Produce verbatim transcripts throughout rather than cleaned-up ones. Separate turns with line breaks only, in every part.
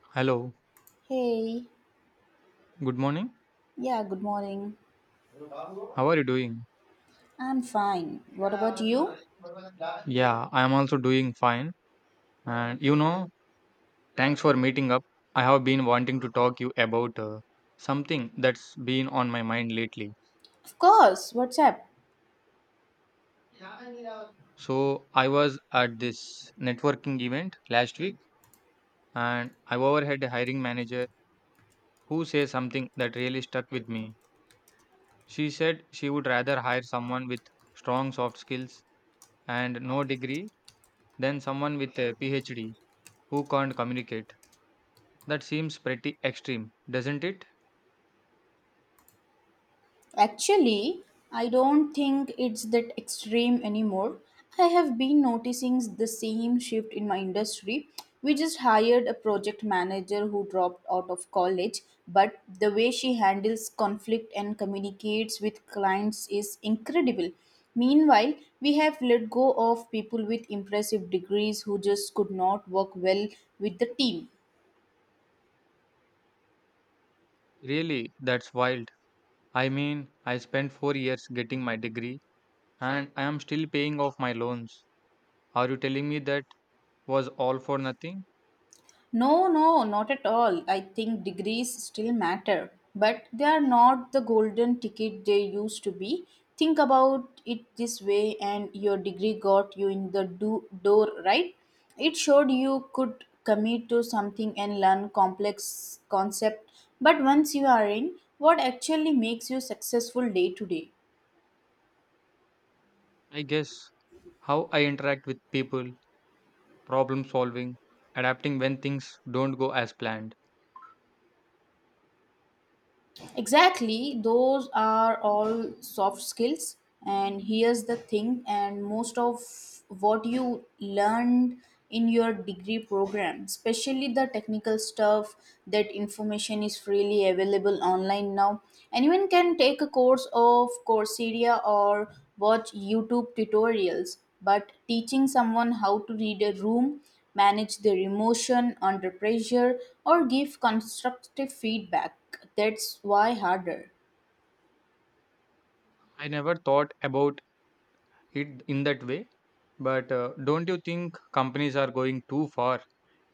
Hello,
Hey,
good morning.
yeah, good morning.
How are you doing?
I'm fine. What about you?
Yeah, I am also doing fine. And you know, thanks for meeting up. I have been wanting to talk you about uh, something that's been on my mind lately.
Of course, what's up?
So, I was at this networking event last week and I overheard a hiring manager who said something that really stuck with me. She said she would rather hire someone with strong soft skills and no degree than someone with a PhD who can't communicate. That seems pretty extreme, doesn't it?
Actually, I don't think it's that extreme anymore. I have been noticing the same shift in my industry. We just hired a project manager who dropped out of college, but the way she handles conflict and communicates with clients is incredible. Meanwhile, we have let go of people with impressive degrees who just could not work well with the team.
Really, that's wild. I mean, I spent four years getting my degree and I am still paying off my loans. Are you telling me that was all for nothing?
No, no, not at all. I think degrees still matter, but they are not the golden ticket they used to be. Think about it this way, and your degree got you in the do- door, right? It showed you could commit to something and learn complex concept. But once you are in, what actually makes you successful day to day?
I guess how I interact with people, problem solving, adapting when things don't go as planned.
Exactly, those are all soft skills. And here's the thing, and most of what you learned in your degree program, especially the technical stuff, that information is freely available online now. Anyone can take a course of Coursera or watch YouTube tutorials, but teaching someone how to read a room, manage their emotion under pressure, or give constructive feedback that's why harder.
I never thought about it in that way. But uh, don't you think companies are going too far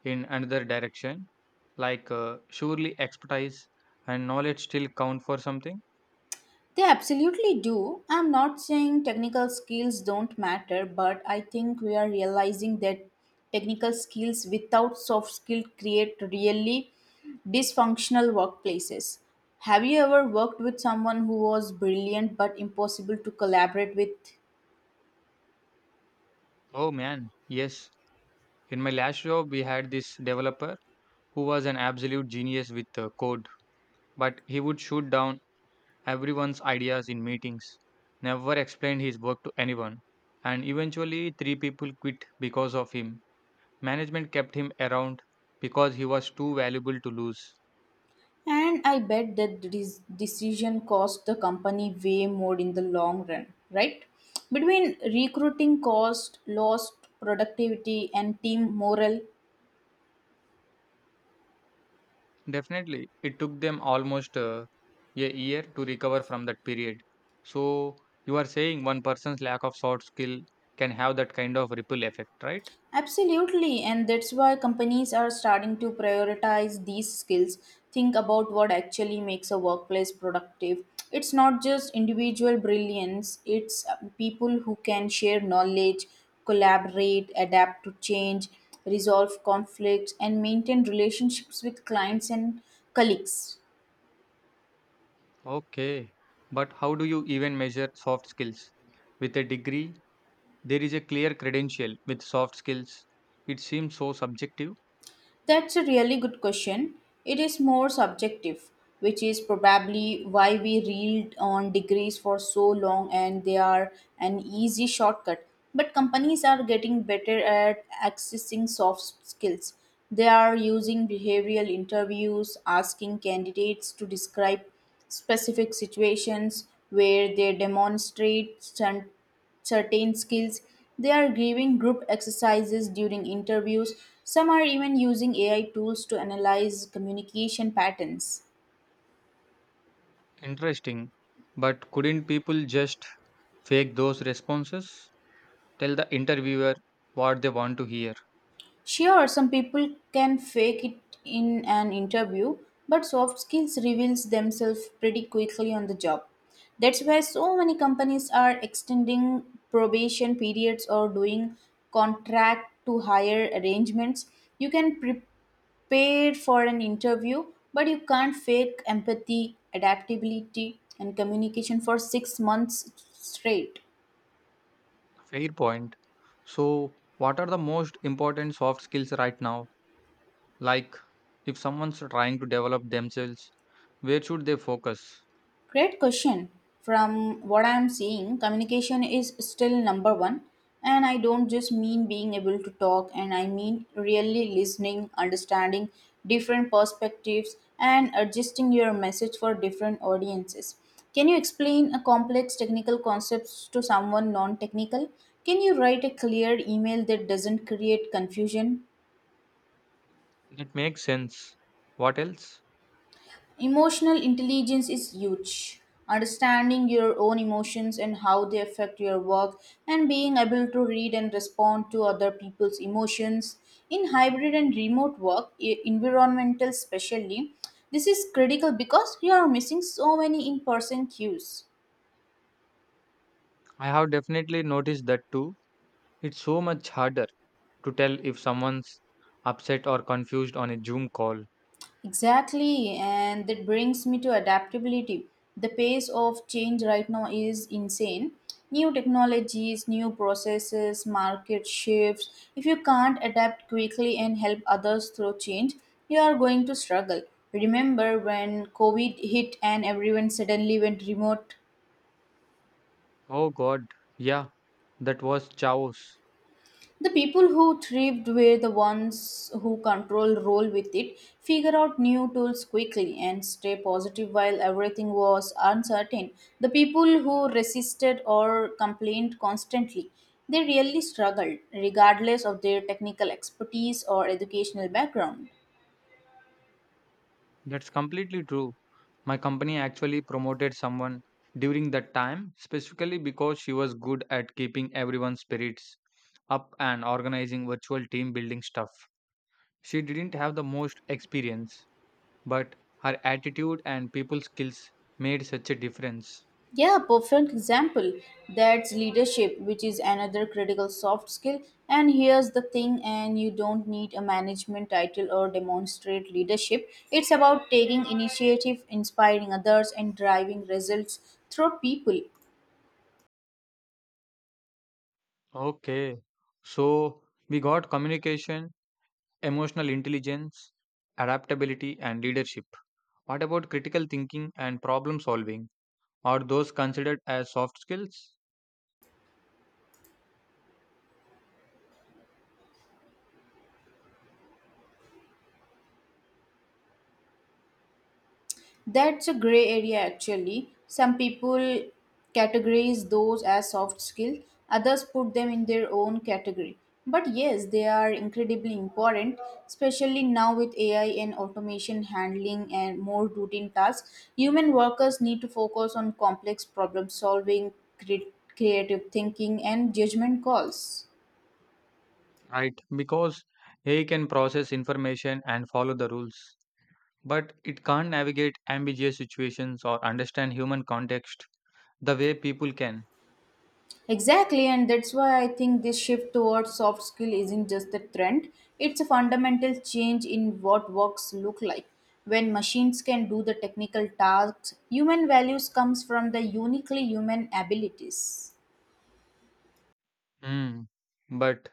in another direction? Like, uh, surely expertise and knowledge still count for something?
They absolutely do. I'm not saying technical skills don't matter, but I think we are realizing that technical skills without soft skill create really dysfunctional workplaces. Have you ever worked with someone who was brilliant but impossible to collaborate with?
Oh man, yes. In my last job, we had this developer who was an absolute genius with uh, code, but he would shoot down everyone's ideas in meetings, never explained his work to anyone. And eventually, three people quit because of him. Management kept him around because he was too valuable to lose.
And I bet that this decision cost the company way more in the long run, right? Between recruiting cost, lost productivity, and team morale.
Definitely, it took them almost uh, a year to recover from that period. So, you are saying one person's lack of soft skill can have that kind of ripple effect, right?
Absolutely, and that's why companies are starting to prioritize these skills. Think about what actually makes a workplace productive. It's not just individual brilliance, it's uh, people who can share knowledge, collaborate, adapt to change, resolve conflicts, and maintain relationships with clients and colleagues.
Okay. But how do you even measure soft skills? With a degree, there is a clear credential with soft skills. It seems so subjective.
That's a really good question. It is more subjective, which is probably why we reeled on degrees for so long and they are an easy shortcut. But companies are getting better at accessing soft skills. They are using behavioral interviews, asking candidates to describe specific situations where they demonstrate strength certain skills. They are giving group exercises during interviews. Some are even using A I tools to analyze communication patterns.
Interesting. But couldn't people just fake those responses? Tell the interviewer what they want to hear.
Sure, some people can fake it in an interview, but soft skills reveals themselves pretty quickly on the job. That's why so many companies are extending probation periods or doing contract to hire arrangements. You can pre- paid for an interview, but you can't fake empathy, adaptability, and communication for six months straight.
Fair point. So, what are the most important soft skills right now? Like, if someone's trying to develop themselves, where should they focus?
Great question. From what I'm seeing, communication is still number one. And I don't just mean being able to talk, and I mean really listening, understanding different perspectives, and adjusting your message for different audiences. Can you explain a complex technical concepts to someone non technical? Can you write a clear email that doesn't create confusion?
That makes sense. What else?
Emotional intelligence is huge. Understanding your own emotions and how they affect your work, and being able to read and respond to other people's emotions. In hybrid and remote work, e- environmental especially, this is critical because you are missing so many in person cues.
I have definitely noticed that too. It's so much harder to tell if someone's upset or confused on a Zoom call.
Exactly, and that brings me to adaptability. The pace of change right now is insane. New technologies, new processes, market shifts. If you can't adapt quickly and help others through change, you are going to struggle. Remember when COVID hit and everyone suddenly went remote?
Oh god, yeah, that was chaos.
The people who thrived were the ones who control role with it, figure out new tools quickly, and stay positive while everything was uncertain. The people who resisted or complained constantly, they really struggled, regardless of their technical expertise or educational background.
That's completely true. My company actually promoted someone during that time, specifically because she was good at keeping everyone's spirits up and organizing virtual team building stuff. She didn't have the most experience, but her attitude and people skills made such a difference.
Yeah, perfect example. That's leadership, which is another critical soft skill. And here's the thing, and you don't need a management title or demonstrate leadership. It's about taking initiative, inspiring others, and driving results through people.
Okay, so we got communication, emotional intelligence, adaptability, and leadership. What about critical thinking and problem solving? Are those considered as soft skills?
That's a gray area actually. Some people categorize those as soft skills, others put them in their own category. But yes, they are incredibly important, especially now with A I and automation handling and more routine tasks. Human workers need to focus on complex problem solving, cre- creative thinking, and judgment calls.
Right, because A I can process information and follow the rules, but it can't navigate ambiguous situations or understand human context the way people can.
Exactly, and that's why I think this shift towards soft skill isn't just a trend, it's a fundamental change in what works look like. When machines can do the technical tasks, human values comes from the uniquely human abilities.
Hmm. But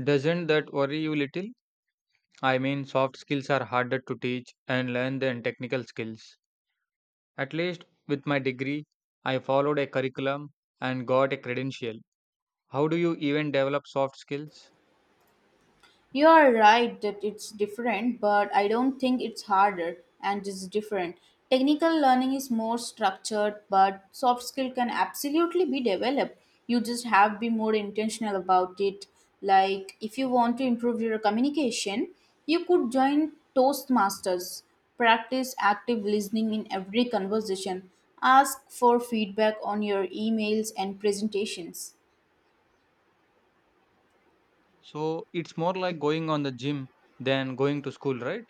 doesn't that worry you little? I mean, soft skills are harder to teach and learn than technical skills. At least with my degree, I followed a curriculum and got a credential. How do you even develop soft skills?
You are right that it's different, but I don't think it's harder and it's different. Technical learning is more structured, but soft skill can absolutely be developed. You just have to be more intentional about it. Like if you want to improve your communication, you could join Toastmasters. Practice active listening in every conversation. Ask for feedback on your emails and presentations.
So it's more like going on the gym than going to school, right?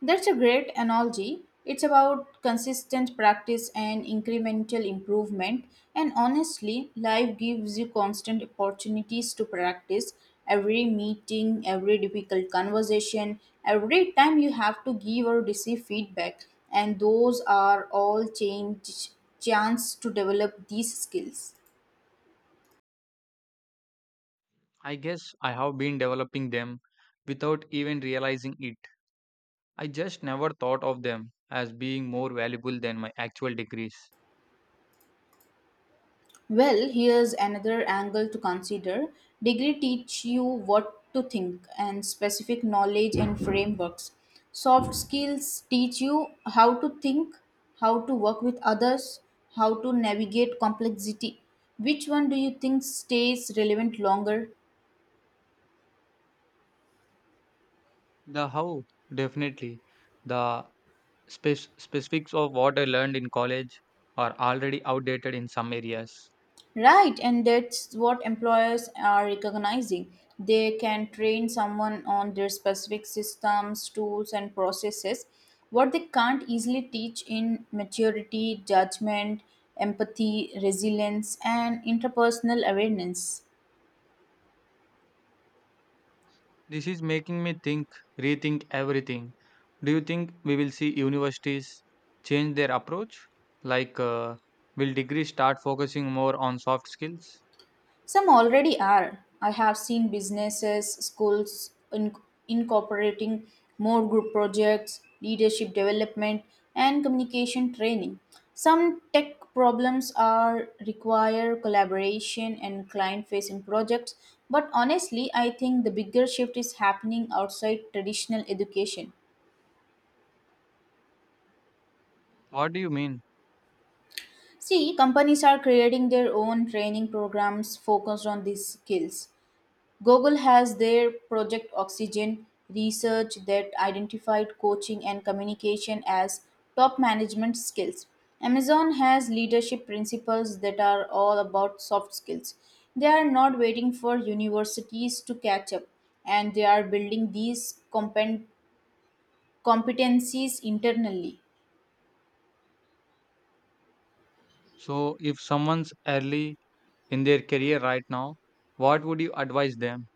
That's a great analogy. It's about consistent practice and incremental improvement. And honestly, life gives you constant opportunities to practice every meeting, every difficult conversation, every time you have to give or receive feedback. And those are all change chance to develop these skills.
I guess I have been developing them without even realizing it. I just never thought of them as being more valuable than my actual degrees.
Well, here's another angle to consider. Degree teach you what to think and specific knowledge and frameworks. Soft skills teach you how to think, how to work with others, how to navigate complexity. Which one do you think stays relevant longer?
The how, definitely. The spec- specifics of what I learned in college are already outdated in some areas.
Right, and that's what employers are recognizing. They can train someone on their specific systems, tools, and processes. What they can't easily teach in maturity, judgment, empathy, resilience, and interpersonal awareness.
This is making me think, rethink everything. Do you think we will see universities change their approach? Like, uh, will degrees start focusing more on soft skills?
Some already are. I have seen businesses, schools in- incorporating more group projects, leadership development, and communication training. Some tech problems are require collaboration and client facing projects, but honestly, I think the bigger shift is happening outside traditional education.
What do you mean?
See, companies are creating their own training programs focused on these skills. Google has their Project Oxygen research that identified coaching and communication as top management skills. Amazon has leadership principles that are all about soft skills. They are not waiting for universities to catch up, and they are building these compen- competencies internally.
So, if someone's early in their career right now, what would you advise them?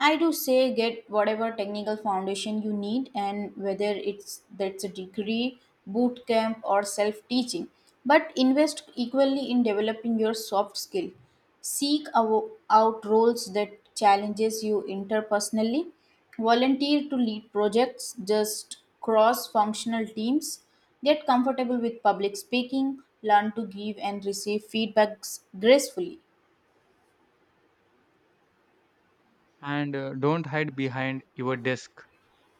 I do say get whatever technical foundation you need and whether it's that's a degree, boot camp or self-teaching. But invest equally in developing your soft skill. Seek awo- out roles that challenges you interpersonally. Volunteer to lead projects, just cross-functional teams. Get comfortable with public speaking, learn to give and receive feedbacks gracefully.
And uh, don't hide behind your desk,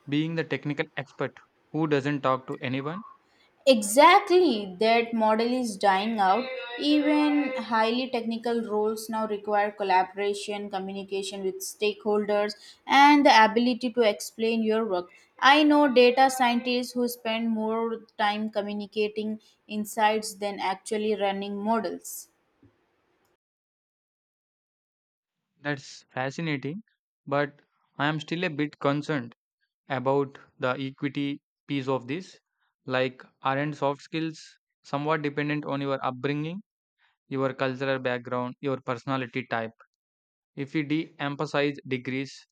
being the technical expert who doesn't talk to anyone.
Exactly, that model is dying out. Even highly technical roles now require collaboration, communication with stakeholders, and the ability to explain your work. I know data scientists who spend more time communicating insights than actually running models.
That's fascinating, but I am still a bit concerned about the equity piece of this. Like, aren't soft skills somewhat dependent on your upbringing, your cultural background, your personality type? If we de-emphasize degrees,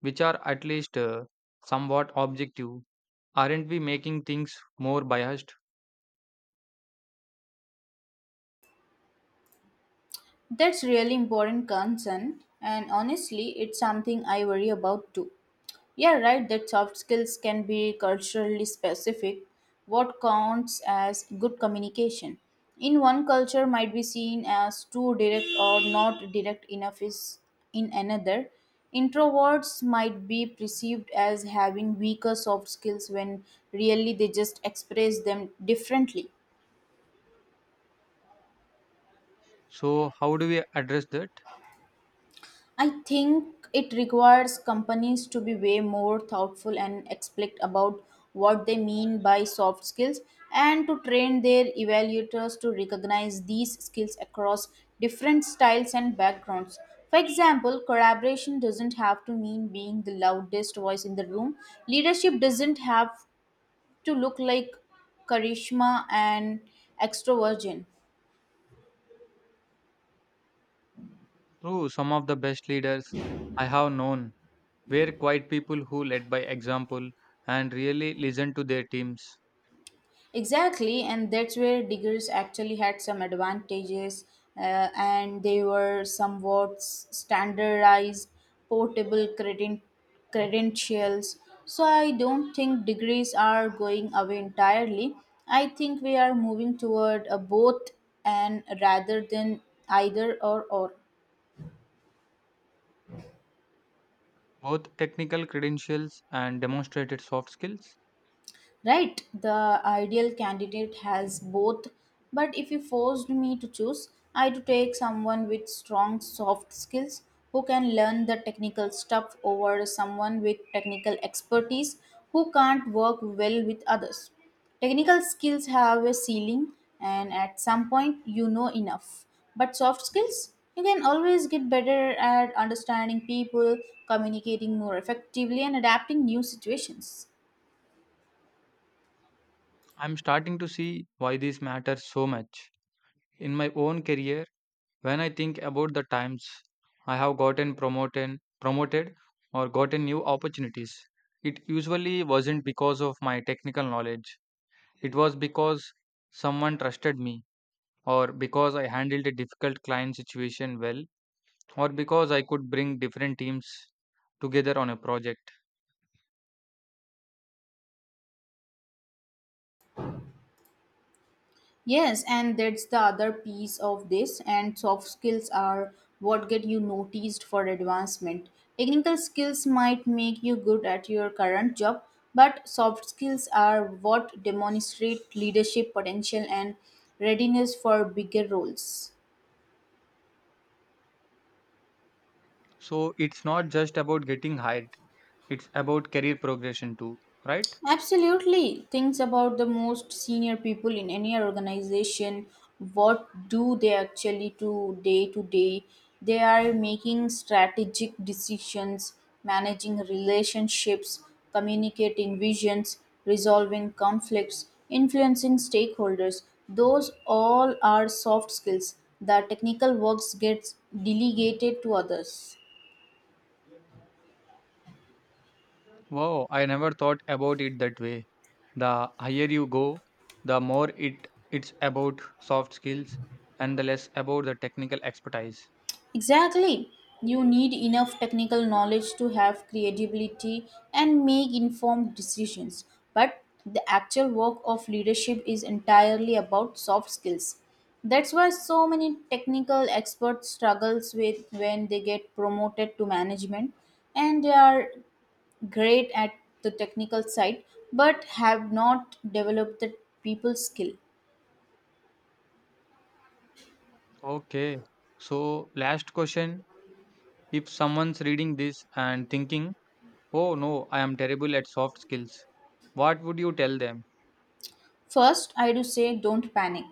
which are at least uh, somewhat objective, aren't we making things more biased?
That's really important concern, and honestly, it's something I worry about too. Yeah, right, that soft skills can be culturally specific. What counts as good communication? In one culture might be seen as too direct or not direct enough is in another. Introverts might be perceived as having weaker soft skills when really they just express them differently.
So how do we address that?
I think it requires companies to be way more thoughtful and explicit about what they mean by soft skills and to train their evaluators to recognize these skills across different styles and backgrounds. For example, collaboration doesn't have to mean being the loudest voice in the room. Leadership doesn't have to look like charisma and extroversion.
Through some of the best leaders I have known were quite people who led by example and really listened to their teams.
Exactly, and that's where diggers actually had some advantages, uh, and they were somewhat s- standardized, portable creden- credentials. So I don't think degrees are going away entirely. I think we are moving toward a both and rather than either or or.
Both technical credentials and demonstrated soft skills.
Right, the ideal candidate has both, but if you forced me to choose, I'd take someone with strong soft skills who can learn the technical stuff over someone with technical expertise who can't work well with others. Technical skills have a ceiling, and at some point, you know enough. But soft skills, you can always get better at understanding people, communicating more effectively, and adapting new situations.
I'm starting to see why this matters so much. In my own career, when I think about the times I have gotten promoted, promoted or gotten new opportunities, it usually wasn't because of my technical knowledge. It was because someone trusted me, or because I handled a difficult client situation well, or because I could bring different teams together on a project.
Yes, and that's the other piece of this. And soft skills are what get you noticed for advancement. Technical skills might make you good at your current job, but soft skills are what demonstrate leadership potential and readiness for bigger roles.
So it's not just about getting hired. It's about career progression too, right?
Absolutely. Things about the most senior people in any organization. What do they actually do day to day? They are making strategic decisions, managing relationships, communicating visions, resolving conflicts, influencing stakeholders. Those all are soft skills. The technical works gets delegated to others.
Wow, I never thought about it that way. The higher you go, the more it it's about soft skills and the less about the technical expertise.
Exactly. You need enough technical knowledge to have creativity and make informed decisions. But the actual work of leadership is entirely about soft skills. That's why so many technical experts struggles with when they get promoted to management and they are great at the technical side but have not developed the people skill.
Okay. So last question, if someone's reading this and thinking, "Oh no, I am terrible at soft skills." What would you tell them?
First, I do say don't panic.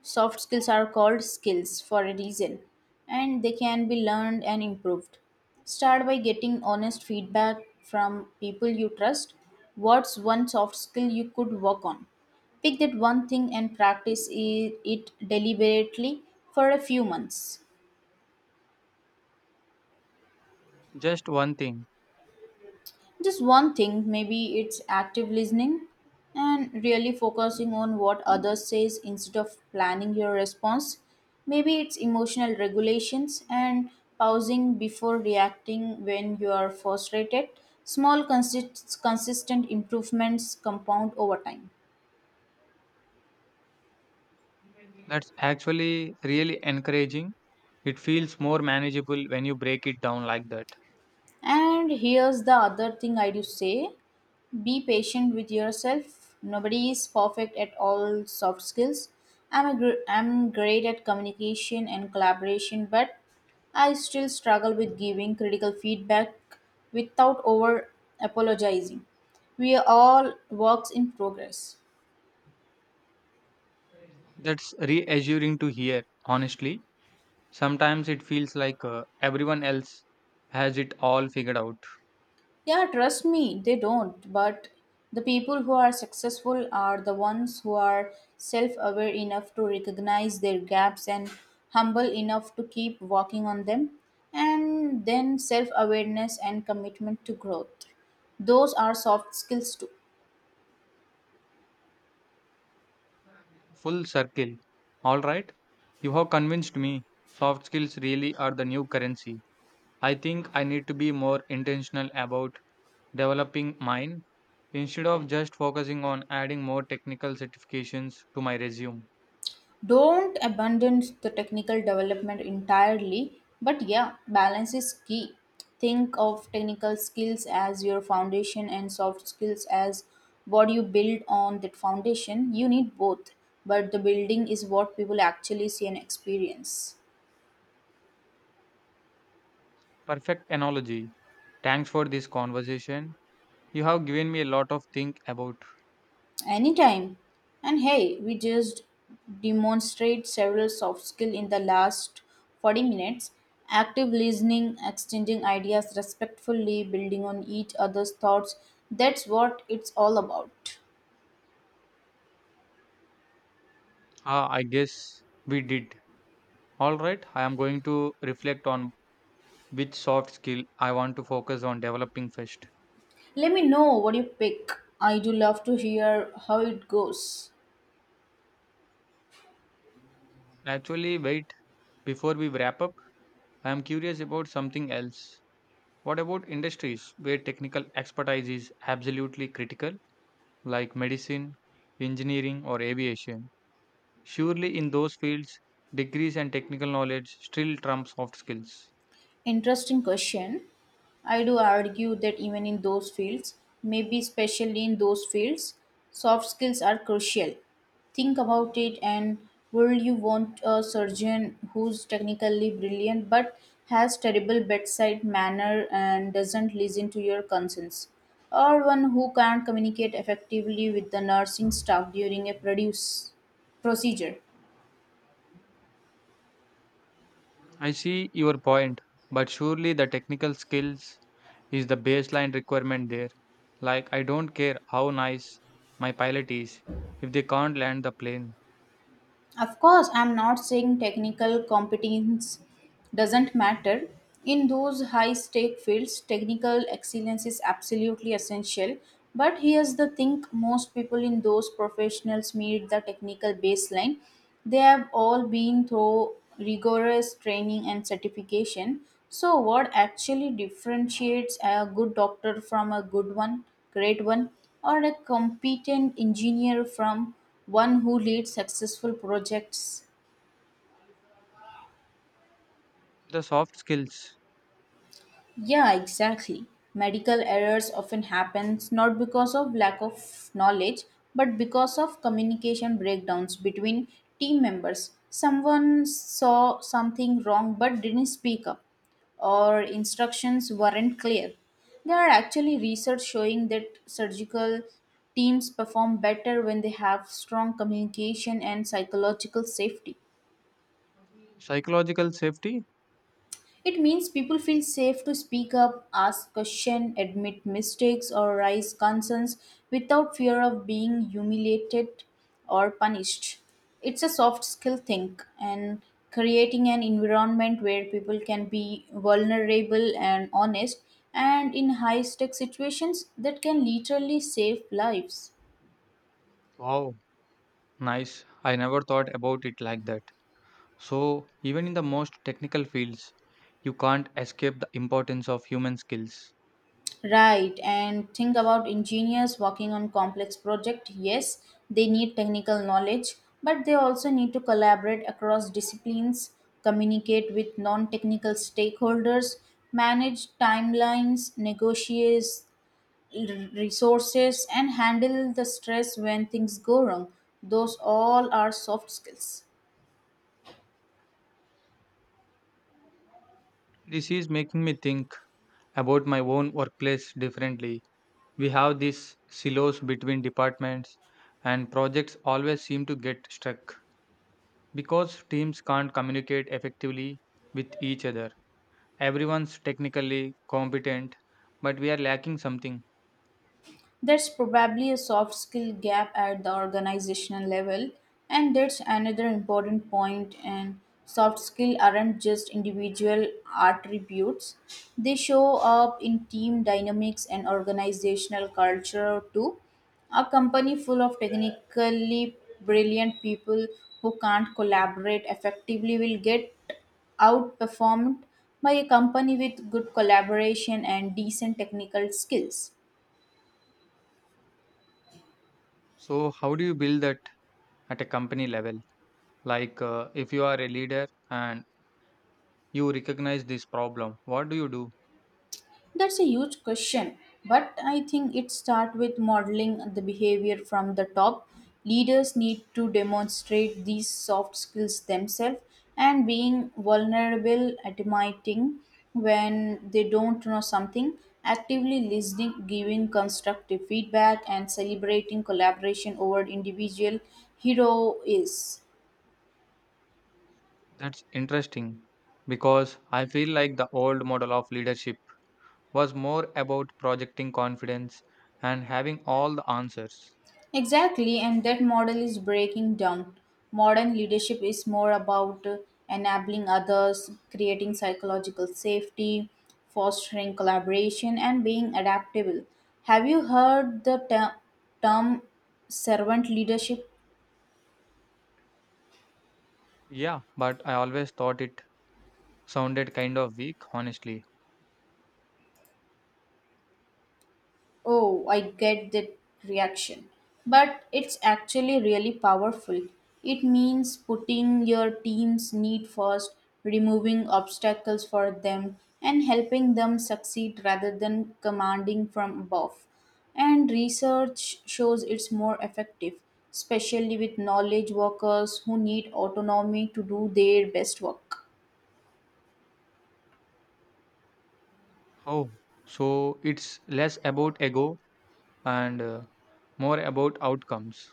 Soft skills are called skills for a reason, and they can be learned and improved. Start by getting honest feedback from people you trust. What's one soft skill you could work on? Pick that one thing and practice i- it deliberately for a few months.
Just one thing.
Just one thing, maybe it's active listening and really focusing on what others says instead of planning your response. Maybe it's emotional regulations and pausing before reacting when you are frustrated. Small consist- consistent improvements compound over time.
That's actually really encouraging. It feels more manageable when you break it down like that.
And here's the other thing I do say be patient with yourself. Nobody is perfect at all soft skills. I'm, a gr- I'm great at communication and collaboration, but I still struggle with giving critical feedback without over apologizing. We are all works in progress.
That's reassuring to hear, honestly. Sometimes it feels like uh, everyone else has it all figured out.
Yeah, trust me, they don't. But the people who are successful are the ones who are self aware enough to recognize their gaps and humble enough to keep working on them. And then self awareness and commitment to growth. Those are soft skills too.
Full circle. All right. You have convinced me. Soft skills really are the new currency. I think I need to be more intentional about developing mine instead of just focusing on adding more technical certifications to my resume.
Don't abandon the technical development entirely, but yeah, balance is key. Think of technical skills as your foundation and soft skills as what you build on that foundation. You need both, but the building is what people actually see and experience.
Perfect analogy. Thanks for this conversation. You have given me a lot of think about.
Anytime. And hey, we just demonstrate several soft skill in the last forty minutes. Active listening, exchanging ideas respectfully, building on each other's thoughts. That's what it's all about.
Ah, I guess we did. All right. I am going to reflect on which soft skill I want to focus on developing first.
Let me know what you pick. I do love to hear how it goes.
Actually, wait. Before we wrap up, I am curious about something else. What about industries where technical expertise is absolutely critical, like medicine, engineering, or aviation? Surely, in those fields, degrees and technical knowledge still trump soft skills.
Interesting question. I do argue that even in those fields, maybe especially in those fields, soft skills are crucial. Think about it and would you want a surgeon who's technically brilliant but has terrible bedside manner and doesn't listen to your concerns? Or one who can't communicate effectively with the nursing staff during a produce procedure?
I see your point, but surely the technical skills is the baseline requirement there. Like, I don't care how nice my pilot is if they can't land the plane.
Of course, I'm not saying technical competence doesn't matter. In those high stake fields, technical excellence is absolutely essential. But here's the thing most people in those professionals meet the technical baseline. They have all been through rigorous training and certification. So, what actually differentiates a good doctor from a good one, great one, or a competent engineer from one who leads successful projects.
The soft skills.
Yeah, exactly. Medical errors often happens not because of lack of knowledge but because of communication breakdowns between team members. Someone saw something wrong but didn't speak up or instructions weren't clear. There are actually research showing that surgical teams perform better when they have strong communication and psychological safety.
Psychological safety?
It means people feel safe to speak up, ask questions, admit mistakes, or raise concerns without fear of being humiliated or punished. It's a soft skill thing, and creating an environment where people can be vulnerable and honest and in high stake situations that can literally save lives.
Wow, nice. I never thought about it like that. So, even in the most technical fields, you can't escape the importance of human skills.
Right, and think about engineers working on complex projects. Yes, they need technical knowledge, but they also need to collaborate across disciplines, communicate with non technical stakeholders, manage timelines, negotiate l- resources, and handle the stress when things go wrong. Those all are soft skills.
This is making me think about my own workplace differently. We have these silos between departments, and projects always seem to get stuck because teams can't communicate effectively with each other. Everyone's technically competent, but we are lacking something.
That's probably a soft skill gap at the organizational level, and that's another important point. And soft skill aren't just individual attributes; they show up in team dynamics and organizational culture too. A company full of technically brilliant people who can't collaborate effectively will get outperformed by a company with good collaboration and decent technical skills.
So, how do you build that at a company level? Like, uh, if you are a leader and you recognize this problem, what do you do?
That's a huge question, but I think it starts with modeling the behavior from the top. Leaders need to demonstrate these soft skills themselves and being vulnerable, admitting when they don't know something, actively listening, giving constructive feedback, and celebrating collaboration over individual heroes.
That's interesting because I feel like the old model of leadership was more about projecting confidence and having all the answers.
Exactly, and that model is breaking down. Modern leadership is more about uh, enabling others, creating psychological safety, fostering collaboration, and being adaptable. Have you heard the ter- term servant leadership?
Yeah, but I always thought it sounded kind of weak, honestly.
Oh, I get that reaction. But it's actually really powerful. It means putting your team's need first, removing obstacles for them, and helping them succeed rather than commanding from above. And research shows it's more effective, especially with knowledge workers who need autonomy to do their best work.
Oh, so it's less about ego and uh, more about outcomes.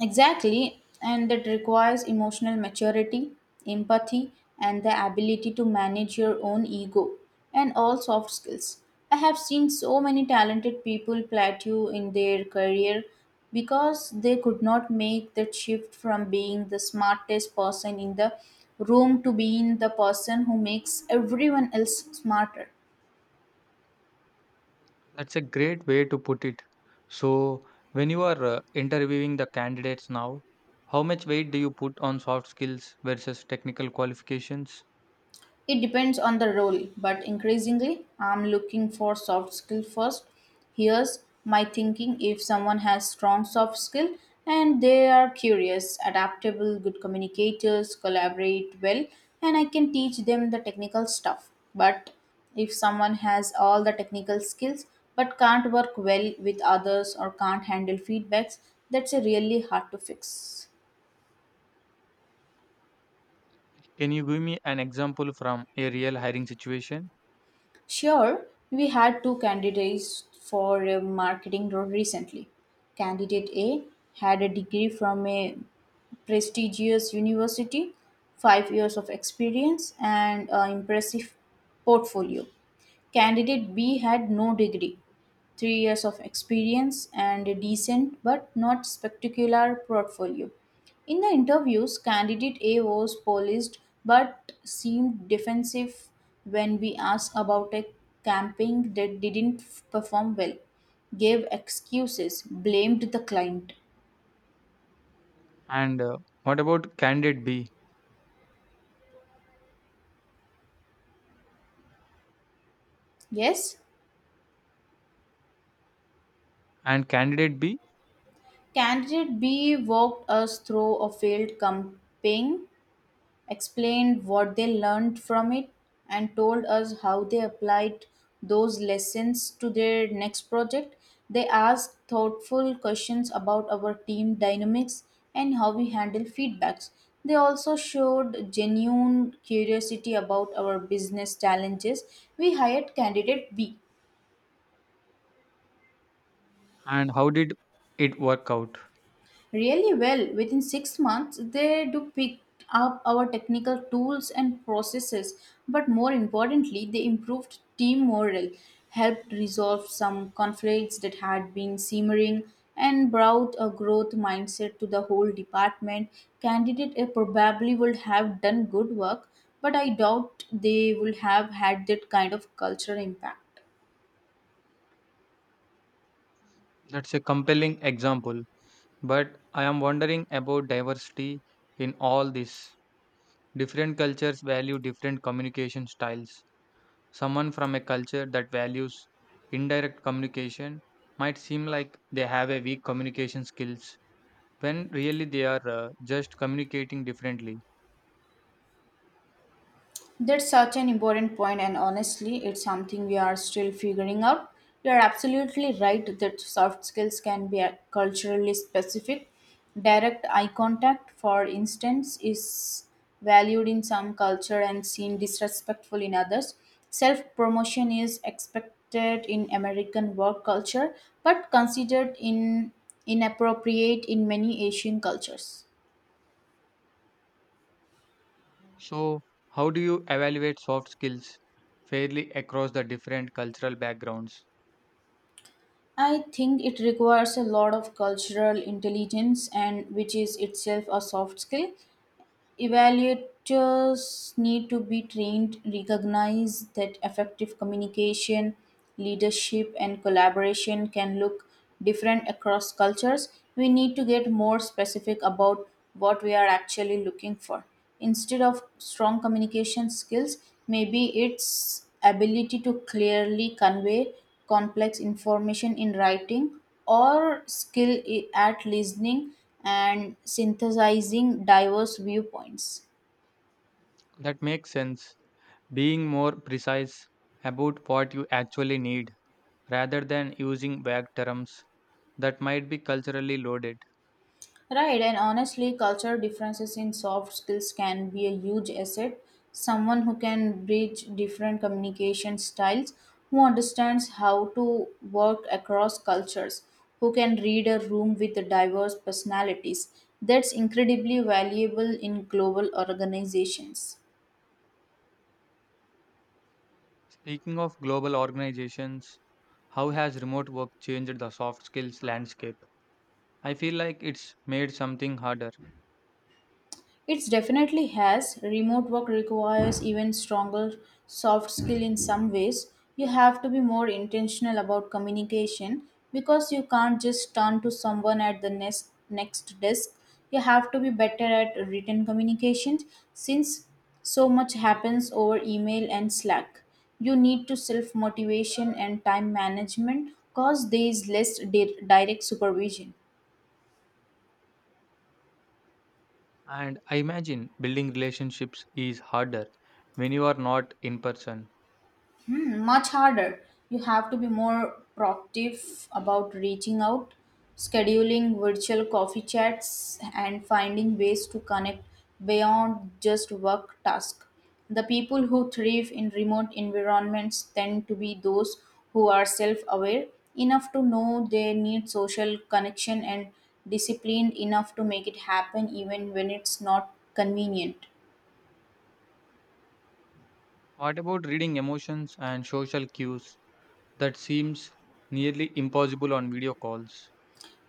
Exactly, and that requires emotional maturity, empathy, and the ability to manage your own ego and all soft skills. I have seen so many talented people plateau in their career because they could not make that shift from being the smartest person in the room to being the person who makes everyone else smarter.
That's a great way to put it. So, when you are uh, interviewing the candidates now, how much weight do you put on soft skills versus technical qualifications?
It depends on the role, but increasingly, I'm looking for soft skill first. Here's my thinking if someone has strong soft skill and they are curious, adaptable, good communicators, collaborate well, and I can teach them the technical stuff. But if someone has all the technical skills but can't work well with others or can't handle feedbacks, that's a really hard to fix.
Can you give me an example from a real hiring situation?
Sure, we had two candidates for a marketing role recently. Candidate A had a degree from a prestigious university, five years of experience, and an impressive portfolio. Candidate B had no degree, three years of experience, and a decent but not spectacular portfolio. In the interviews, candidate A was polished but seemed defensive when we asked about a camping that didn't f- perform well, gave excuses, blamed the client.
And uh, what about candidate B
Yes,
and candidate B
candidate B walked us through a failed camping explained what they learned from it, and told us how they applied those lessons to their next project. They asked thoughtful questions about our team dynamics and how we handle feedbacks. They also showed genuine curiosity about our business challenges. We hired candidate B
and how did it work out?
really well. Within six months, they do pick up our technical tools and processes, but more importantly, they improved team morale, helped resolve some conflicts that had been simmering, and brought a growth mindset to the whole department. Candidate A probably would have done good work, but I doubt they would have had that kind of cultural impact.
That's a compelling example. But I am wondering about diversity in all this. Different cultures value different communication styles. Someone from a culture that values indirect communication might seem like they have a weak communication skills when really they are uh, just communicating differently.
That's such an important point, and honestly, it's something we are still figuring out. You're absolutely right that soft skills can be uh, culturally specific. Direct eye contact, for instance, is valued in some culture and seen disrespectful in others. Self promotion is expected in American work culture but considered in inappropriate in many Asian cultures.
So, how do you evaluate soft skills fairly across the different cultural backgrounds?
I think it requires a lot of cultural intelligence and which is itself a soft skill. Evaluators need to be trained, recognize that effective communication, leadership, and collaboration can look different across cultures. We need to get more specific about what we are actually looking for. Instead of strong communication skills, maybe it's ability to clearly convey complex information in writing or skill i- at listening and synthesizing diverse viewpoints.
That makes sense. Being more precise about what you actually need rather than using vague terms that might be culturally loaded.
Right, and honestly, cultural differences in soft skills can be a huge asset. Someone who can bridge different communication styles, who understands how to work across cultures, who can read a room with diverse personalities. That's incredibly valuable in global organizations.
Speaking of global organizations, how has remote work changed the soft skills landscape? I feel like it's made something harder.
It definitely has. Remote work requires even stronger soft skill in some ways. You have to be more intentional about communication because you can't just turn to someone at the next next desk. You have to be better at written communication since so much happens over email and Slack. You need to self motivation and time management cause there is less di- direct supervision.
And I imagine building relationships is harder when you are not in person.
Hmm, much harder. You have to be more proactive about reaching out, scheduling virtual coffee chats, and finding ways to connect beyond just work tasks. The people who thrive in remote environments tend to be those who are self aware enough to know they need social connection and disciplined enough to make it happen even when it's not convenient.
What about reading emotions and social cues? That seems nearly impossible on video calls.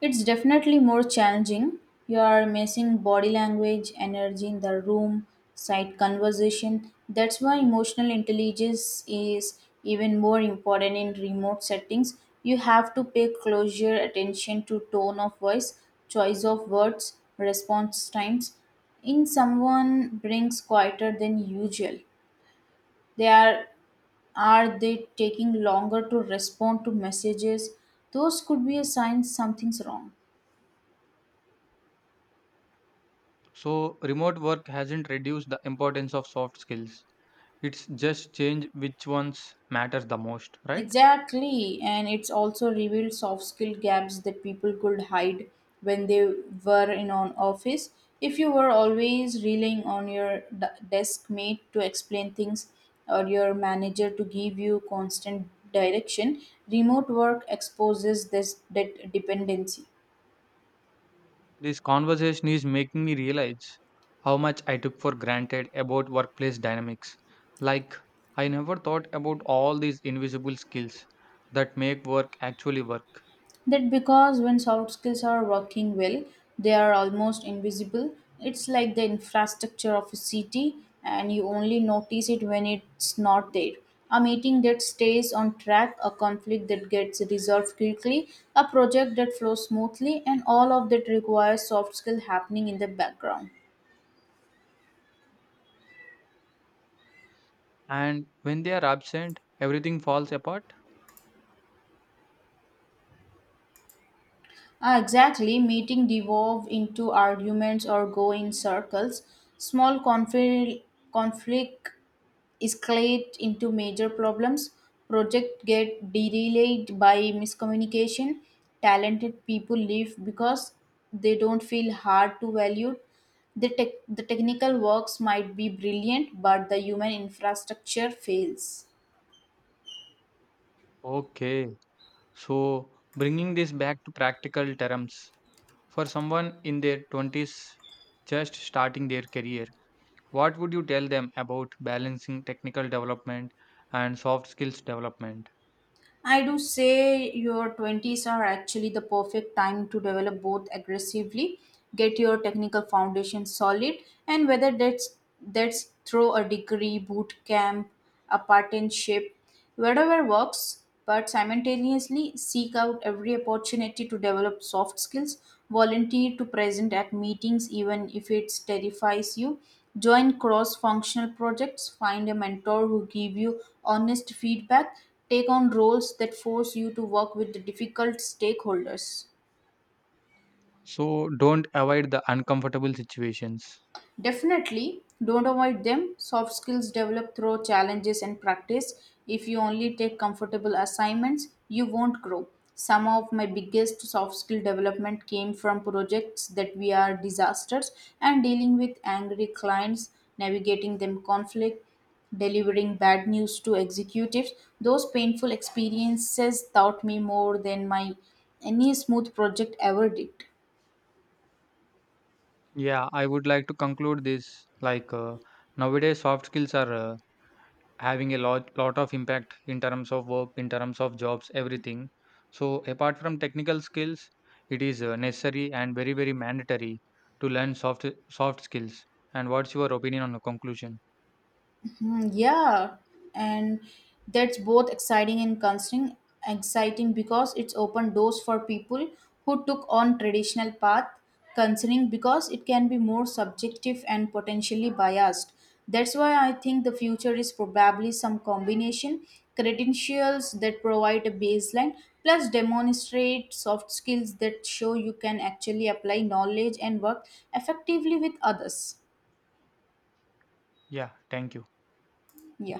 It's definitely more challenging. You are missing body language, energy in the room, side conversation. That's why emotional intelligence is even more important in remote settings. You have to pay closer attention to tone of voice, choice of words, response times. In someone brings quieter than usual. They are are they taking longer to respond to messages? Those could be a sign something's wrong.
So, remote work hasn't reduced the importance of soft skills. It's just changed which ones matters the most, right?
Exactly, and it's also revealed soft skill gaps that people could hide when they were in an office. If you were always relying on your d- desk mate to explain things or your manager to give you constant direction, remote work exposes this that dependency.
This conversation is making me realize how much I took for granted about workplace dynamics. Like, I never thought about all these invisible skills that make work actually work.
That because when soft skills are working well, they are almost invisible. It's like the infrastructure of a city, and you only notice it when it's not there. A meeting that stays on track, a conflict that gets resolved quickly, a project that flows smoothly, and all of that requires soft skill happening in the background.
And when they are absent, everything falls apart.
Ah, exactly, meeting devolve into arguments or go in circles. Small conflict conflict escalate into major problems. Project get delayed by miscommunication. Talented people leave because they don't feel hard to value. The, tech the technical works might be brilliant, but the human infrastructure fails.
Okay, so bringing this back to practical terms, for someone in their twenties just starting their career, what would you tell them about balancing technical development and soft skills development?
I do say your twenties are actually the perfect time to develop both aggressively, get your technical foundation solid, and whether that's that's through a degree, boot camp, a partnership, whatever works, but simultaneously seek out every opportunity to develop soft skills, volunteer to present at meetings even if it terrifies you, join cross functional projects, find a mentor who give you honest feedback Take on roles that force you to work with the difficult stakeholders.
So don't avoid the uncomfortable situations.
Definitely, don't avoid them. Soft skills develop through challenges and practice. If you only take comfortable assignments, you won't grow. Some of my biggest soft skill development came from projects that we are disasters and dealing with angry clients, navigating them conflict, delivering bad news to executives. Those painful experiences taught me more than my any smooth project ever did.
Yeah, I would like to conclude this like uh, nowadays soft skills are uh, having a lot lot of impact in terms of work, in terms of jobs, everything. So apart from technical skills, it is uh, necessary and very very mandatory to learn soft soft skills. And what's your opinion on the conclusion?
Hmm. Yeah, and that's both exciting and concerning. Exciting because it's open doors for people who took on traditional path. Concerning because it can be more subjective and potentially biased. That's why I think the future is probably some combination credentials that provide a baseline plus demonstrate soft skills that show you can actually apply knowledge and work effectively with others.
Yeah, thank you.
Yeah.